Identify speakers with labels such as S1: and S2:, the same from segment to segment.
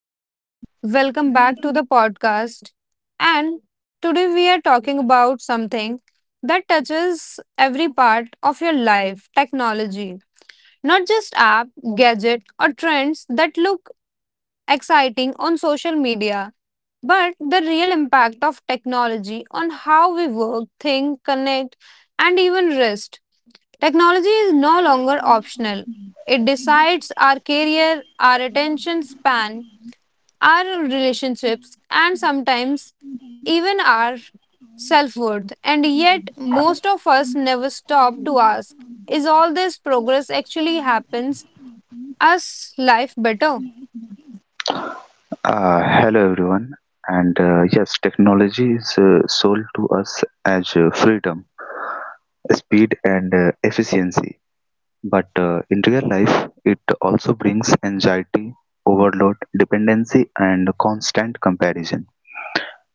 S1: Hello everyone.
S2: Welcome back to the podcast. And today we are talking about something that touches every part of your life technology. Not just app, gadget, or trends that look exciting on social media, but the real impact of technology on how we work, think, connect, and even rest. Technology is no longer optional. It decides our career, our attention span, our relationships, and sometimes even our self worth. And yet, most of us never stop to ask is all this progress actually happens us life better?
S1: Hello everyone, and yes, technology is sold to us as freedom, speed, and efficiency. But in real life, it also brings anxiety, overload, dependency, and constant comparison.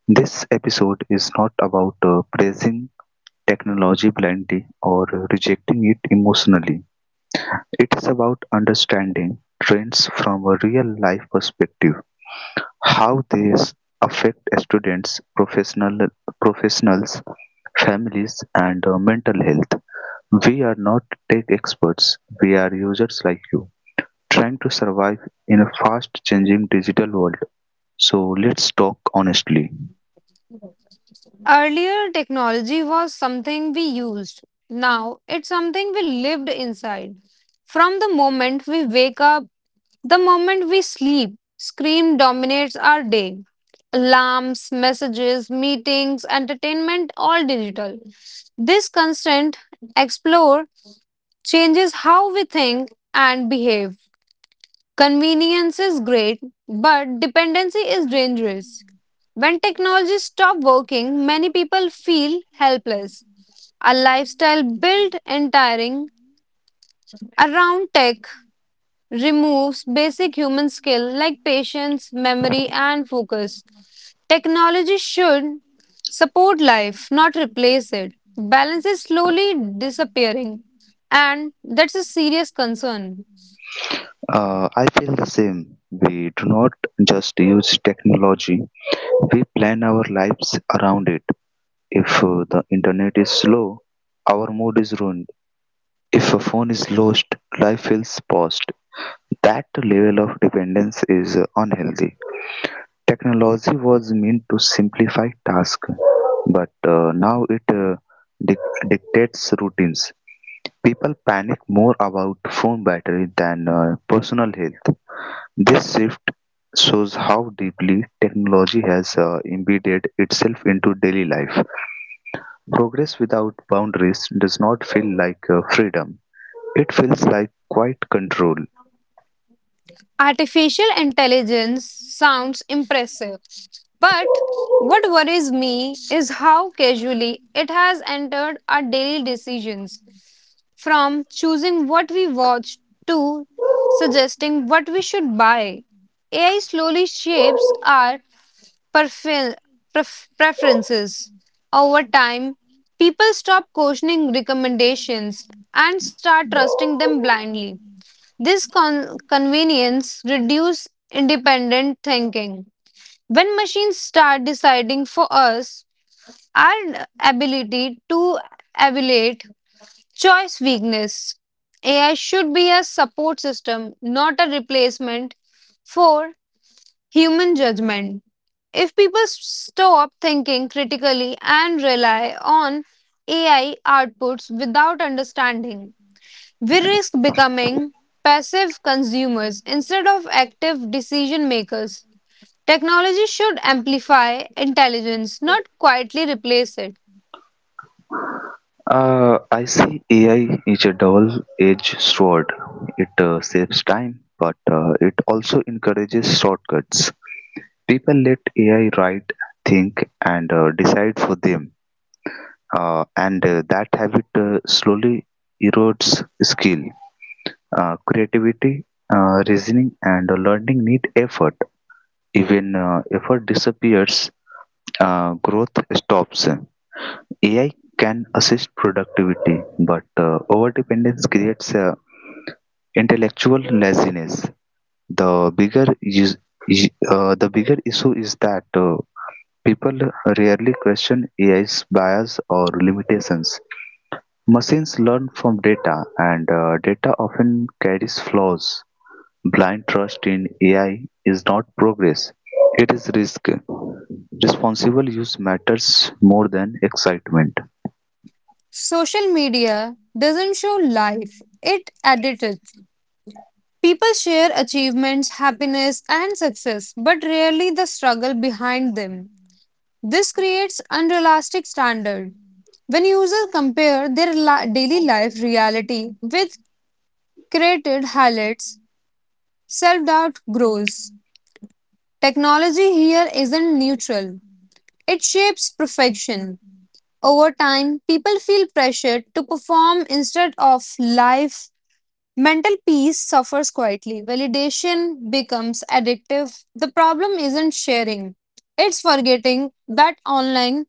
S1: This episode is not about praising technology blindly or rejecting it emotionally. It is about understanding trends from a real life perspective. How these affect students, professionals, families, and mental health. We are not tech experts, we are users like you, trying to survive in a fast changing digital world. So let's talk honestly.
S2: Earlier, technology was something we used. Now, it's something we lived inside. From the moment we wake up, the moment we sleep, screen dominates our day. Alarms, messages, meetings, entertainment, all digital. This constant explore changes how we think and behave. Convenience is great, but dependency is dangerous. When technology stops working, many people feel helpless. A lifestyle built entire around tech removes basic human skill like patience, memory, and focus. Technology should support life, not replace it. Balance is slowly disappearing, and that's a serious concern.
S1: I feel the same. We do not just use technology, we plan our lives around it. If the internet is slow, our mood is ruined. If a phone is lost, life feels paused. That level of dependence is unhealthy. Technology was meant to simplify tasks, but now it uh, dic- dictates routines. People panic more about phone battery than personal health. This shift shows how deeply technology has embedded itself into daily life. Progress without boundaries does not feel like freedom, it feels like quite control.
S2: Artificial intelligence sounds impressive, but what worries me is how casually it has entered our daily decisions. From choosing what we watch to suggesting what we should buy, AI slowly shapes our prefer- preferences. Over time, people stop questioning recommendations and start trusting them blindly. This convenience reduces independent thinking. When machines start deciding for us, our ability to evaluate choice weakness. AI should be a support system, not a replacement for human judgment. If people stop thinking critically and rely on AI outputs without understanding we risk becoming passive consumers instead of active decision makers. Technology should amplify intelligence, not quietly replace it.
S1: I see AI is a double-edged sword. It saves time, but it also encourages shortcuts. People let AI write, think, and decide for them, and that habit slowly erodes skill. Creativity, reasoning, and learning need effort. Even effort disappears, growth stops. AI can assist productivity, but overdependence creates intellectual laziness. The bigger is- the bigger issue is that people rarely question AI's bias or limitations. Machines learn from data, and data often carries flaws. Blind trust in AI is not progress; it is risk. Responsible use matters more than excitement.
S2: Social media doesn't show life, it edits it. People share achievements, happiness, and success, but rarely the struggle behind them. This creates unrealistic standard. When users compare their daily life reality with created highlights, self doubt grows. Technology here isn't neutral, it shapes perfection. Over time, people feel pressured to perform instead of life. Mental peace suffers quietly. Validation becomes addictive. The problem isn't sharing, it's forgetting that online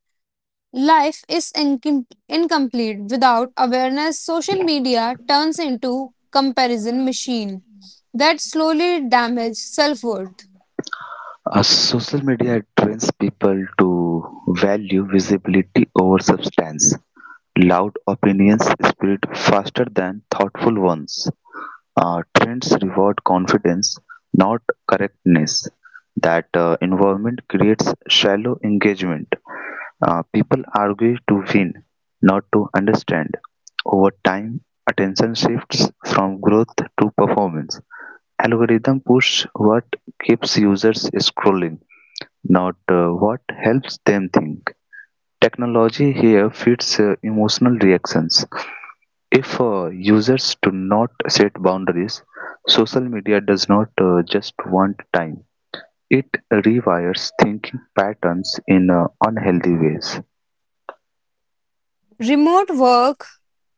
S2: life is incomplete without awareness. Social media turns into comparison machine that slowly damages self worth.
S1: Social media trains people to value visibility over substance. Loud opinions spread faster than thoughtful ones. Trends reward confidence, not correctness. That environment creates shallow engagement. People argue to win, not to understand. Over time, attention shifts from growth to performance. Algorithm push what keeps users scrolling, not what helps them think. Technology here feeds emotional reactions. If users do not set boundaries, social media does not just want time. It rewires thinking patterns in unhealthy ways.
S2: Remote work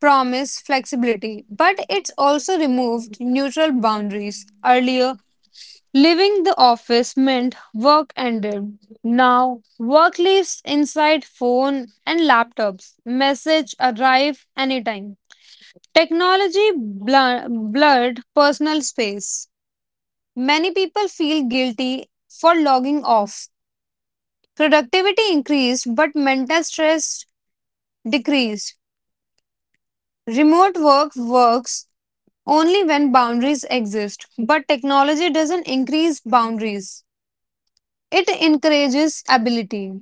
S2: promised flexibility, but it's also removed neutral boundaries. Earlier, leaving the office meant work ended. Now, work lives inside phone and laptops. Message arrive anytime. Technology blurred personal space. Many people feel guilty for logging off. Productivity increased, but mental stress decreased. Remote work works only when boundaries exist. But technology doesn't increase boundaries, it encourages ability.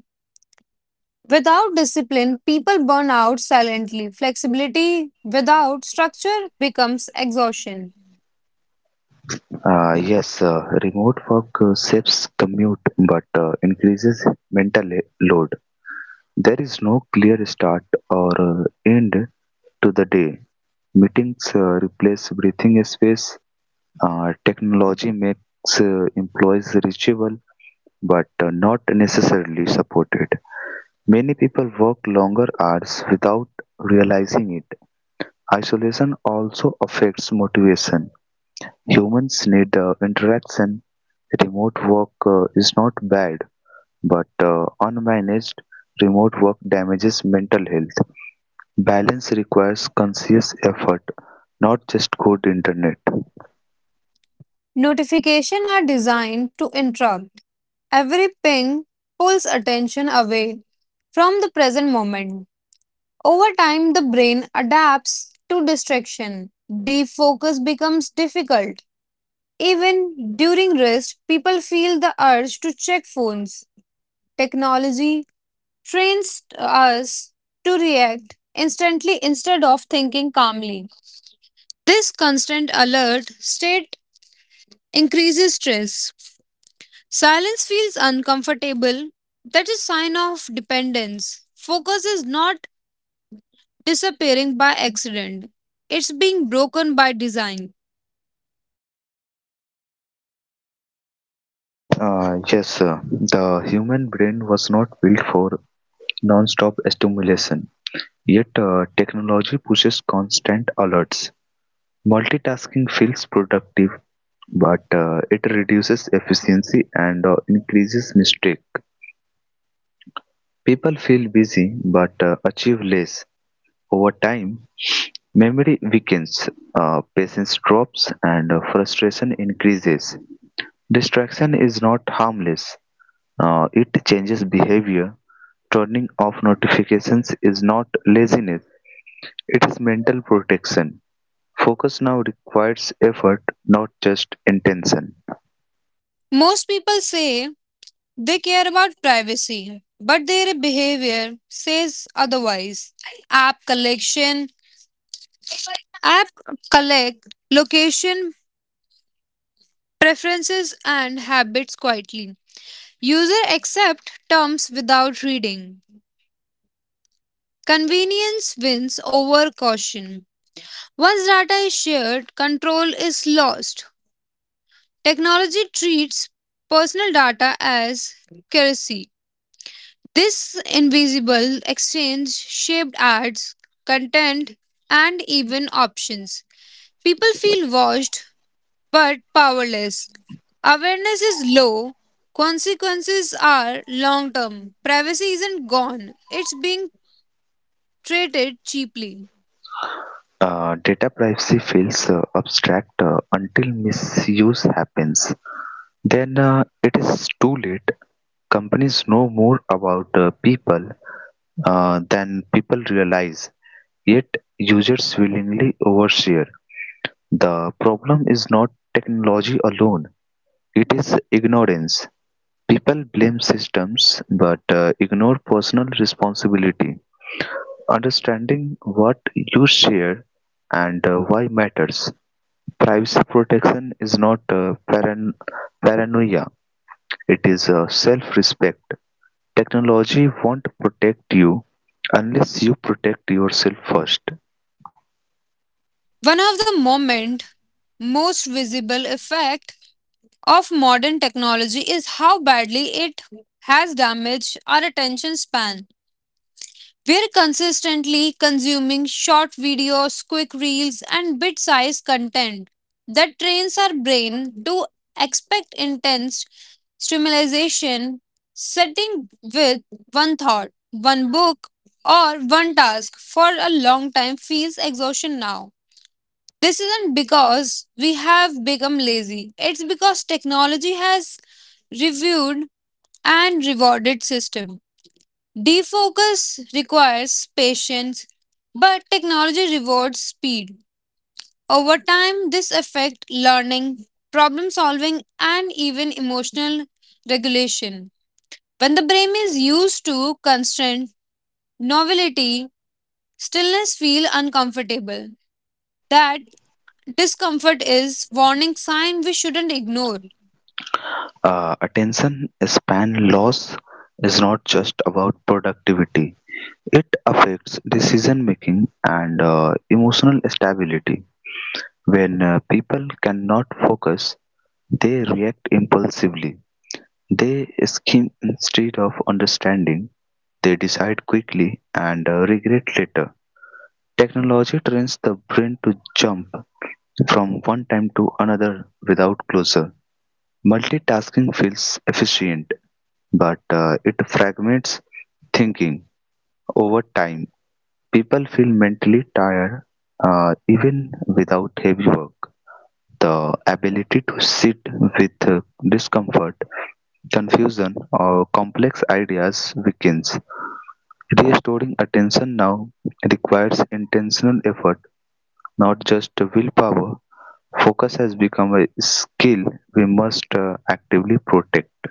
S2: Without discipline, people burn out silently. Flexibility without structure becomes exhaustion.
S1: Yes, remote work saves commute but increases mental load. There is no clear start or end to the day. Meetings replace breathing space. Technology makes employees reachable but not necessarily supported. Many people work longer hours without realizing it. Isolation also affects motivation. Humans need interaction. Remote work is not bad, but unmanaged remote work damages mental health. Balance requires conscious effort, not just good internet.
S2: Notifications are designed to interrupt. Every ping pulls attention away from the present moment. Over time, the brain adapts to distraction. Deep focus becomes difficult. Even during rest, people feel the urge to check phones. Technology trains us to react instantly instead of thinking calmly. This constant alert state increases stress. Silence feels uncomfortable. That is sign of dependence. Focus is not disappearing by accident. It's being broken by design.
S1: Yes, sir. The human brain was not built for non-stop stimulation. Yet, technology pushes constant alerts. Multitasking feels productive, but it reduces efficiency and increases mistake. People feel busy but achieve less. Over time, memory weakens, patience drops, and frustration increases. Distraction is not harmless. It changes behavior. Turning off notifications is not laziness, it is mental protection. Focus now requires effort, not just intention.
S2: Most people say they care about privacy, but their behavior says otherwise. App collection, app collect location preferences and habits quietly. User accept terms without reading. Convenience wins over caution. Once data is shared, control is lost. Technology treats personal data as currency. This invisible exchange shaped ads, content, and even options. People feel watched but powerless. Awareness is low. Consequences are long term. Privacy isn't gone, it's being traded cheaply.
S1: Data privacy feels abstract until misuse happens. Then it is too late. Companies know more about people than people realize, yet users willingly overshare. The problem is not technology alone, it is ignorance. People blame systems but ignore personal responsibility. Understanding what you share and why matters. Privacy protection is not paranoia, it is self respect. Technology won't protect you unless you protect yourself first.
S2: One of the moment most visible effect of modern technology is how badly it has damaged our attention span. We're consistently consuming short videos, quick reels, and bit sized content that trains our brain to expect intense stimulation, sitting with one thought, one book, or one task for a long time feels exhaustion now. This isn't because we have become lazy, it's because technology has reviewed and rewarded system. Defocus requires patience, but technology rewards speed. Over time, this affects learning, problem solving, and even emotional regulation. When the brain is used to constant novelty, stillness feels uncomfortable. That discomfort is warning sign we shouldn't ignore.
S1: Attention span loss is not just about productivity, it affects decision making and emotional stability. When people cannot focus, they react impulsively. They scheme instead of understanding. They decide quickly and regret later. Technology trains the brain to jump from one time to another without closure. Multitasking feels efficient, but it fragments thinking over time. People feel mentally tired even without heavy work. The ability to sit with discomfort, confusion, or complex ideas weakens. Restoring attention now requires intentional effort, not just willpower. Focus has become a skill we must actively protect.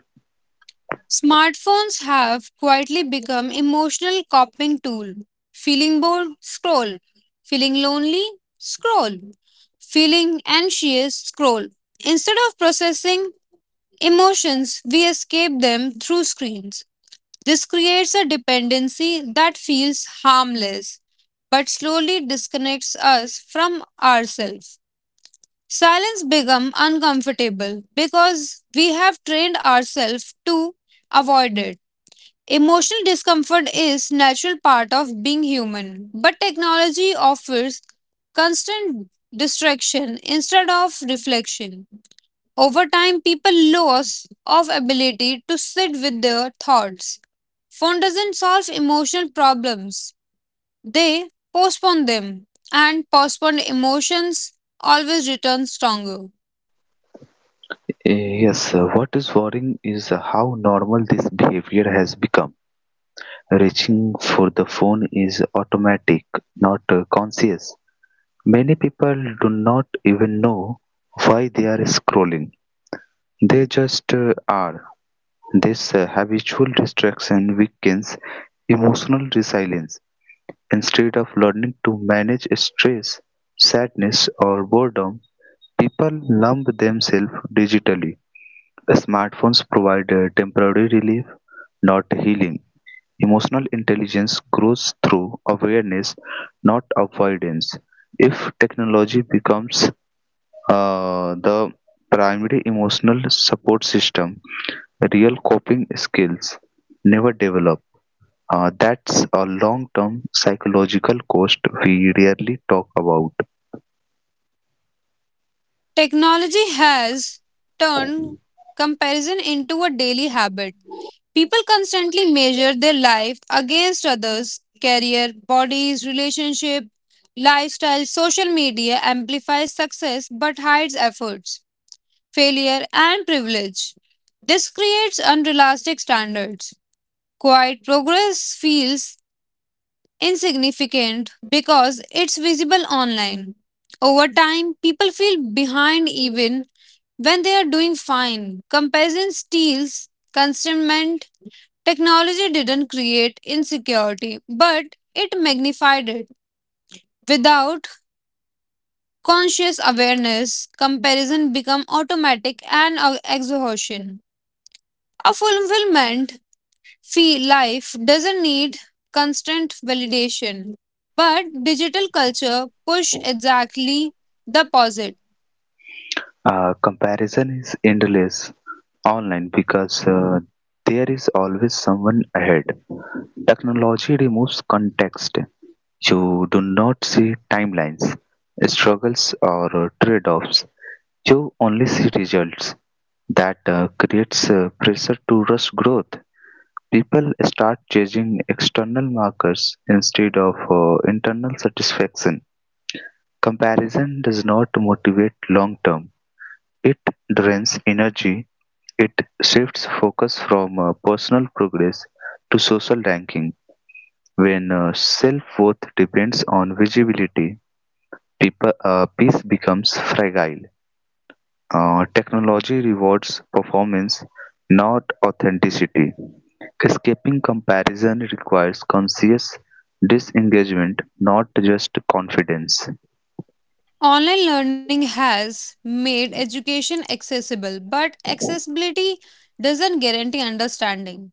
S2: Smartphones have quietly become emotional coping tool. Feeling bored, scroll. Feeling lonely, scroll. Feeling anxious, scroll. Instead of processing emotions, we escape them through screens. This creates a dependency that feels harmless but slowly disconnects us from ourselves. Silence becomes uncomfortable because we have trained ourselves to avoid it. Emotional discomfort is natural part of being human, but technology offers constant distraction instead of reflection. Over time, people lose of ability to sit with their thoughts. Phone doesn't solve emotional problems. They postpone them and postponed emotions always return stronger.
S1: Yes, what is worrying is how normal this behavior has become. Reaching for the phone is automatic, not conscious. Many people do not even know why they are scrolling, they just are. This habitual distraction weakens emotional resilience. Instead of learning to manage stress, sadness, or boredom, people numb themselves digitally. Smartphones provide a temporary relief, not healing. Emotional intelligence grows through awareness, not avoidance. If technology becomes the primary emotional support system, real coping skills never develop. That's a long term psychological cost we rarely talk about.
S2: Technology has turned comparison into a daily habit. People constantly measure their life against others' career, bodies, relationship, lifestyle. Social media amplifies success but hides efforts, failure, and privilege. This creates unrealistic standards. Quiet progress feels insignificant because it's visible online. Over time, people feel behind even when they are doing fine. Comparison steals consentment. Technology didn't create insecurity, but it magnified it. Without conscious awareness, comparison become automatic and exhaustion. A fulfillment fee life doesn't need constant validation, but digital culture push exactly the opposite.
S1: Comparison is endless online because there is always someone ahead. Technology removes context. You do not see timelines, struggles, or trade offs. You only see results. That creates pressure to rush growth. People start chasing external markers instead of internal satisfaction. Comparison does not motivate long term, it drains energy, it shifts focus from personal progress to social ranking. When self worth depends on visibility, people, peace becomes fragile. Technology rewards performance, not authenticity. Escaping comparison requires conscious disengagement, not just confidence.
S2: Online learning has made education accessible, but accessibility doesn't guarantee understanding.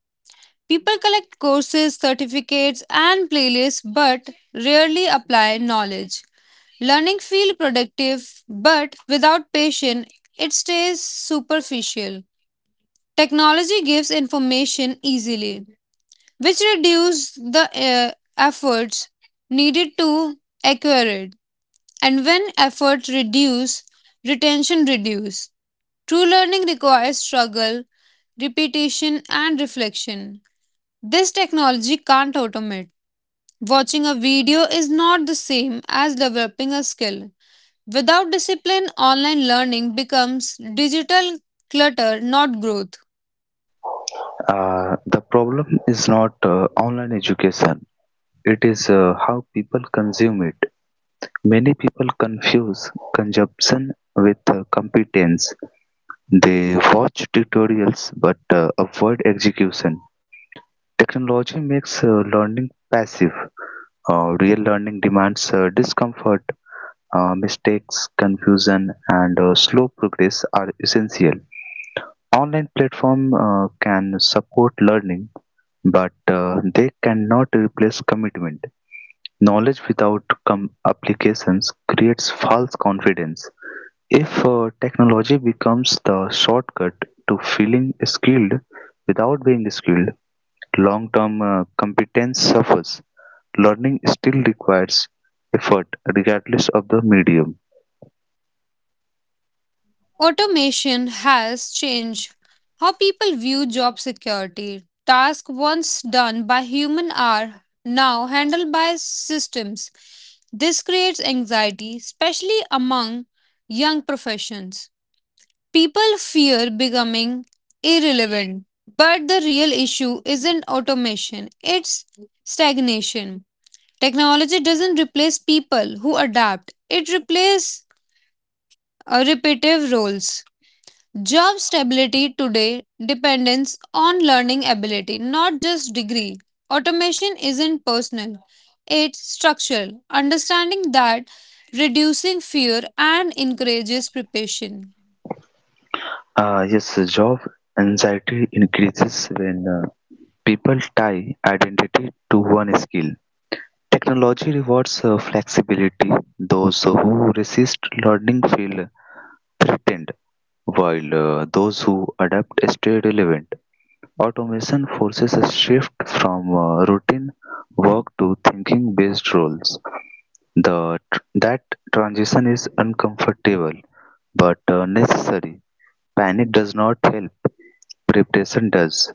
S2: People collect courses, certificates, and playlists, but rarely apply knowledge. Learning feels productive, but without patience, it stays superficial. Technology gives information easily, which reduces the efforts needed to acquire it. And when efforts reduce, retention reduce. True learning requires struggle, repetition, and reflection. This technology can't automate. Watching a video is not the same as developing a skill. Without discipline, online learning becomes digital clutter, not growth.
S1: The problem is not online education, it is how people consume it. Many people confuse consumption with competence. They watch tutorials but avoid execution. Technology makes learning passive. Real learning demands discomfort, mistakes, confusion, and slow progress are essential. Online platform can support learning, but they cannot replace commitment. Knowledge without applications creates false confidence. If technology becomes the shortcut to feeling skilled without being skilled, long-term competence suffers. Learning still requires effort regardless of the medium.
S2: Automation has changed how people view job security. Tasks once done by human are now handled by systems. This creates anxiety, especially among young professions. People fear becoming irrelevant, but the real issue isn't automation, it's stagnation. Technology doesn't replace people who adapt, it replaces repetitive roles. Job stability today depends on learning ability, not just degree. Automation isn't personal, it's structural. Understanding that reducing fear and encourages preparation.
S1: Uh, yes, Job anxiety increases when people tie identity to one skill. Technology rewards flexibility. Those who resist learning feel threatened, while those who adapt stay relevant. Automation forces a shift from routine work to thinking based roles. The, that transition is uncomfortable but necessary. Panic does not help, preparation does.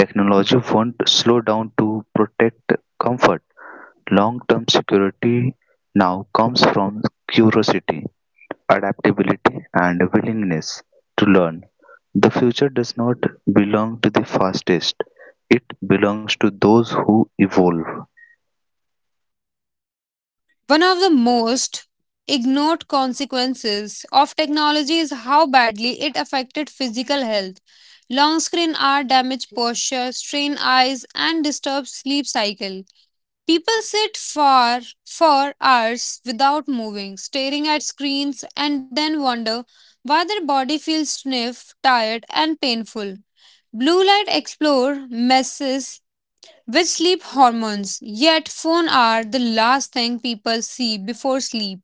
S1: Technology won't slow down to protect comfort. Long-term security now comes from curiosity, adaptability, and willingness to learn. The future does not belong to the fastest. It belongs to those who evolve.
S2: One of the most ignored consequences of technology is how badly it affected physical health. Long screen hour damage posture, strain eyes, and disturbs sleep cycle. People sit for for hours without moving, staring at screens, and then wonder why their body feels stiff, tired, and painful. Blue light explore messes with sleep hormones, yet phones are the last thing people see before sleep.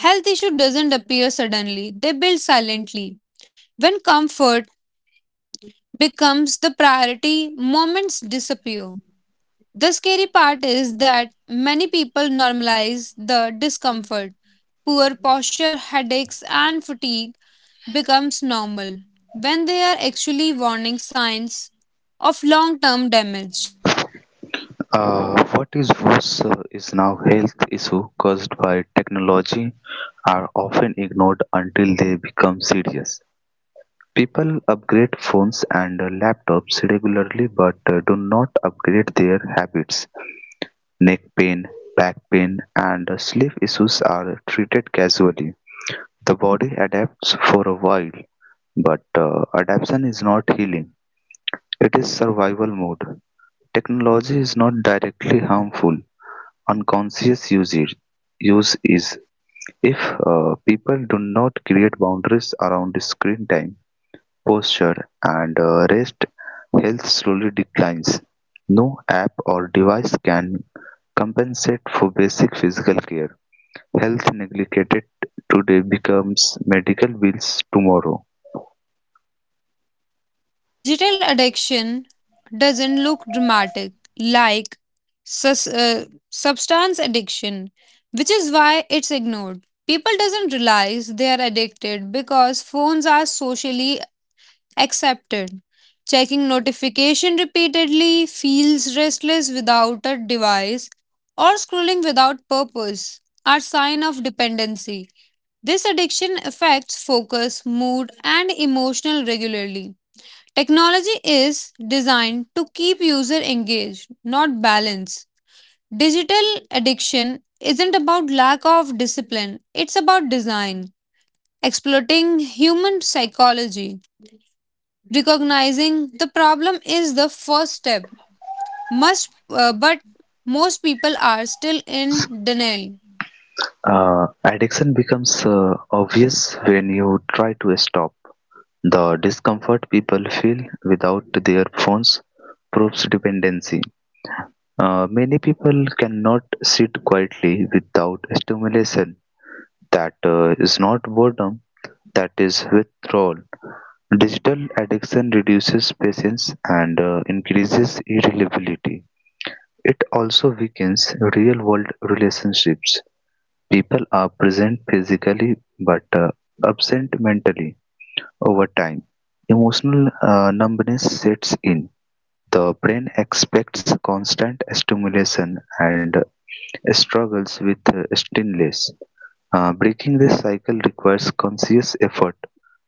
S2: Health issue doesn't appear suddenly; they build silently. When comfort becomes the priority, moments disappear. The scary part is that many people normalize the discomfort. Poor posture, headaches, and fatigue becomes normal when they are actually warning signs of long-term damage.
S1: What is worse is now health issues caused by technology are often ignored until they become serious. People upgrade phones and laptops regularly but do not upgrade their habits. Neck pain, back pain, and sleep issues are treated casually. The body adapts for a while, but adaptation is not healing. It is survival mode. Technology is not directly harmful. Unconscious usage use is if people do not create boundaries around screen time. Posture and rest health slowly declines; no app or device can compensate for basic physical care. Health neglected today becomes medical bills tomorrow.
S2: Digital addiction doesn't look dramatic like substance addiction, which is why it's ignored. People doesn't realize they are addicted because phones are socially accepted. Checking notification repeatedly, feels restless without a device, or scrolling without purpose are sign of dependency. This addiction affects focus, mood, and emotional regularly. Technology is designed to keep user engaged, not balance. Digital addiction isn't about lack of discipline, it's about design, exploiting human psychology recognizing the problem is the first step much but most people are still in denial.
S1: Addiction becomes obvious when you try to stop. The discomfort people feel without their phones proves dependency. Many people cannot sit quietly without stimulation. That is not boredom, that is withdrawal. Digital addiction reduces patience and increases irritability. It also weakens real world relationships. People are present physically but absent mentally over time. Emotional numbness sets in. The brain expects constant stimulation and struggles with stillness. Breaking this cycle requires conscious effort,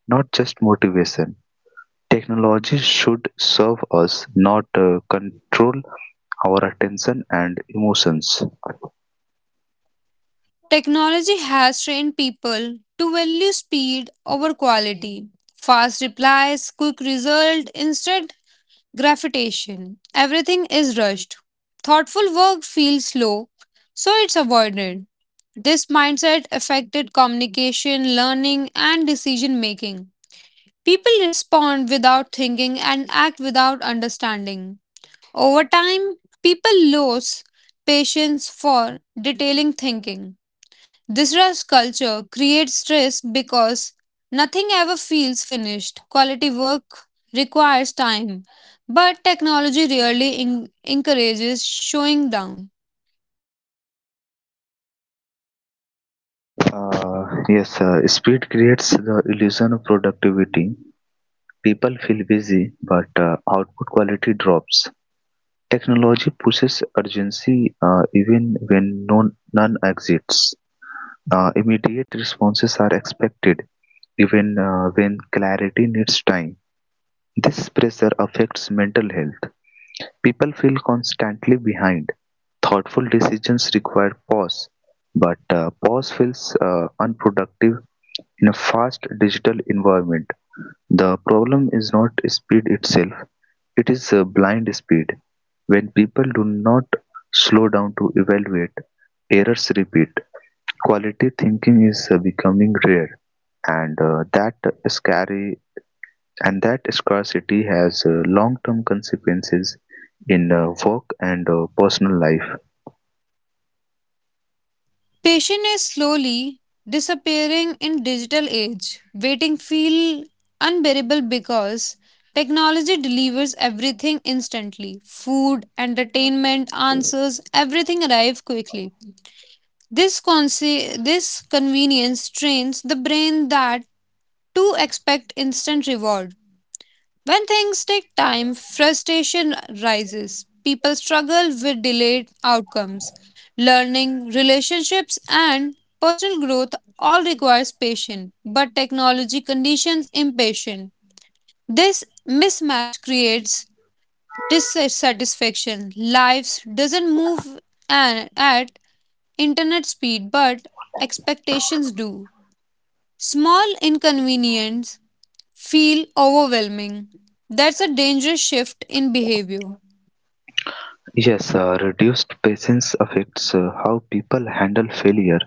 S1: not just motivation. Technology should serve us, not control our attention and emotions.
S2: Technology has trained people to value speed over quality fast replies quick result instead gravitation everything is rushed thoughtful work feels slow so it's avoided this mindset affected communication learning and decision making. People respond without thinking and act without understanding. Over time, people lose patience for detailing thinking. This rush culture creates stress because nothing ever feels finished. Quality work requires time, but technology rarely encourages showing down.
S1: Uh, yes, Speed creates the illusion of productivity. People feel busy, but output quality drops. Technology pushes urgency even when no, none exists. Immediate responses are expected, even when clarity needs time. This pressure affects mental health; people feel constantly behind. Thoughtful decisions require pause, but pause feels unproductive in a fast digital environment. The problem is not speed itself, it is blind speed. When people do not slow down to evaluate, errors repeat. Quality thinking is becoming rare, and that scary and that scarcity has long-term consequences in work and personal life.
S2: Patient is slowly disappearing in digital age. Waiting feel unbearable because technology delivers everything instantly. Food, entertainment, answers, everything arrive quickly. This convenience trains the brain that to expect instant reward. When things take time, frustration rises. People struggle with delayed outcomes. Learning, relationships, and personal growth all requires patience, but technology conditions impatient. This mismatch creates dissatisfaction. Lives doesn't move at internet speed, but expectations do. Small inconvenience feel overwhelming. That's a dangerous shift in behavior.
S1: Yes, reduced patience affects how people handle failure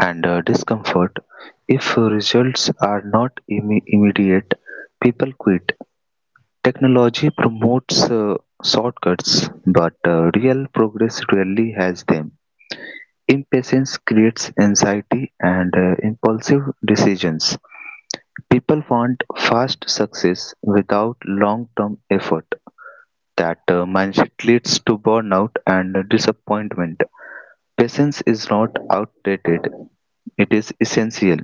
S1: and discomfort. If results are not immediate, people quit. Technology promotes shortcuts, but real progress rarely has them. Impatience creates anxiety and impulsive decisions. People want fast success without long-term effort. That mindset leads to burnout and disappointment. Patience is not outdated, it is essential.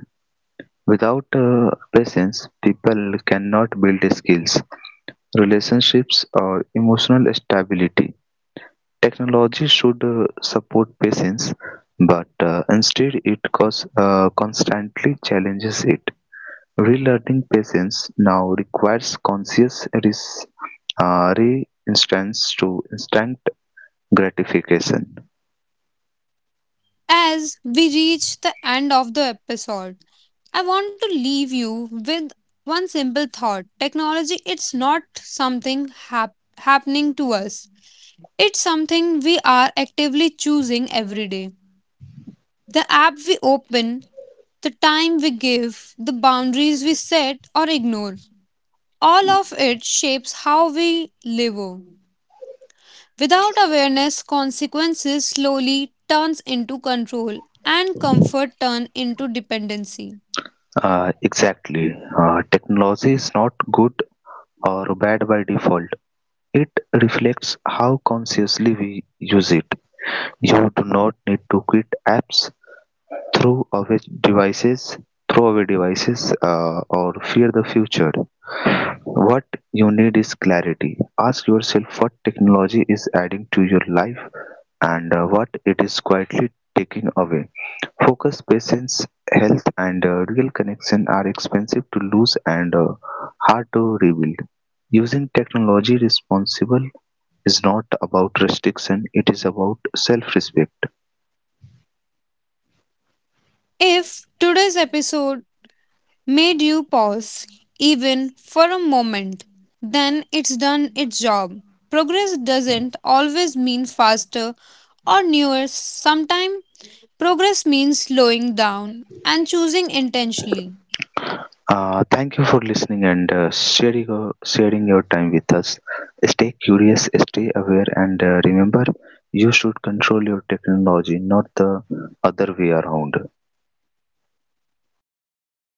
S1: Without patience, people cannot build skills, relationships, or emotional stability. Technology should support patience, but instead it constantly challenges it. Relearning patience now requires conscious resistance to instant gratification.
S2: As we reach the end of the episode, I want to leave you with one simple thought. Technology it's not something happening to us. It's something we are actively choosing every day. The app we open, the time we give, the boundaries we set or ignore, all of it shapes how we live. Without awareness, consequences slowly turns into control and comfort turn into dependency.
S1: Exactly. Technology is not good or bad by default. It reflects how consciously we use it. You do not need to quit apps, throw away devices, throw away devices, or fear the future. What you need is clarity. Ask yourself what technology is adding to your life and what it is quietly taking away. Focus, patience, health, and real connection are expensive to lose and hard to rebuild. Using technology responsible is not about restriction; it is about self-respect.
S2: If today's episode made you pause even for a moment, then it's done its job. Progress doesn't always mean faster or newer. Sometimes progress means slowing down and choosing intentionally.
S1: Thank you for listening and sharing your time with us. Stay curious, stay aware, and remember you should control your technology, not the other way around.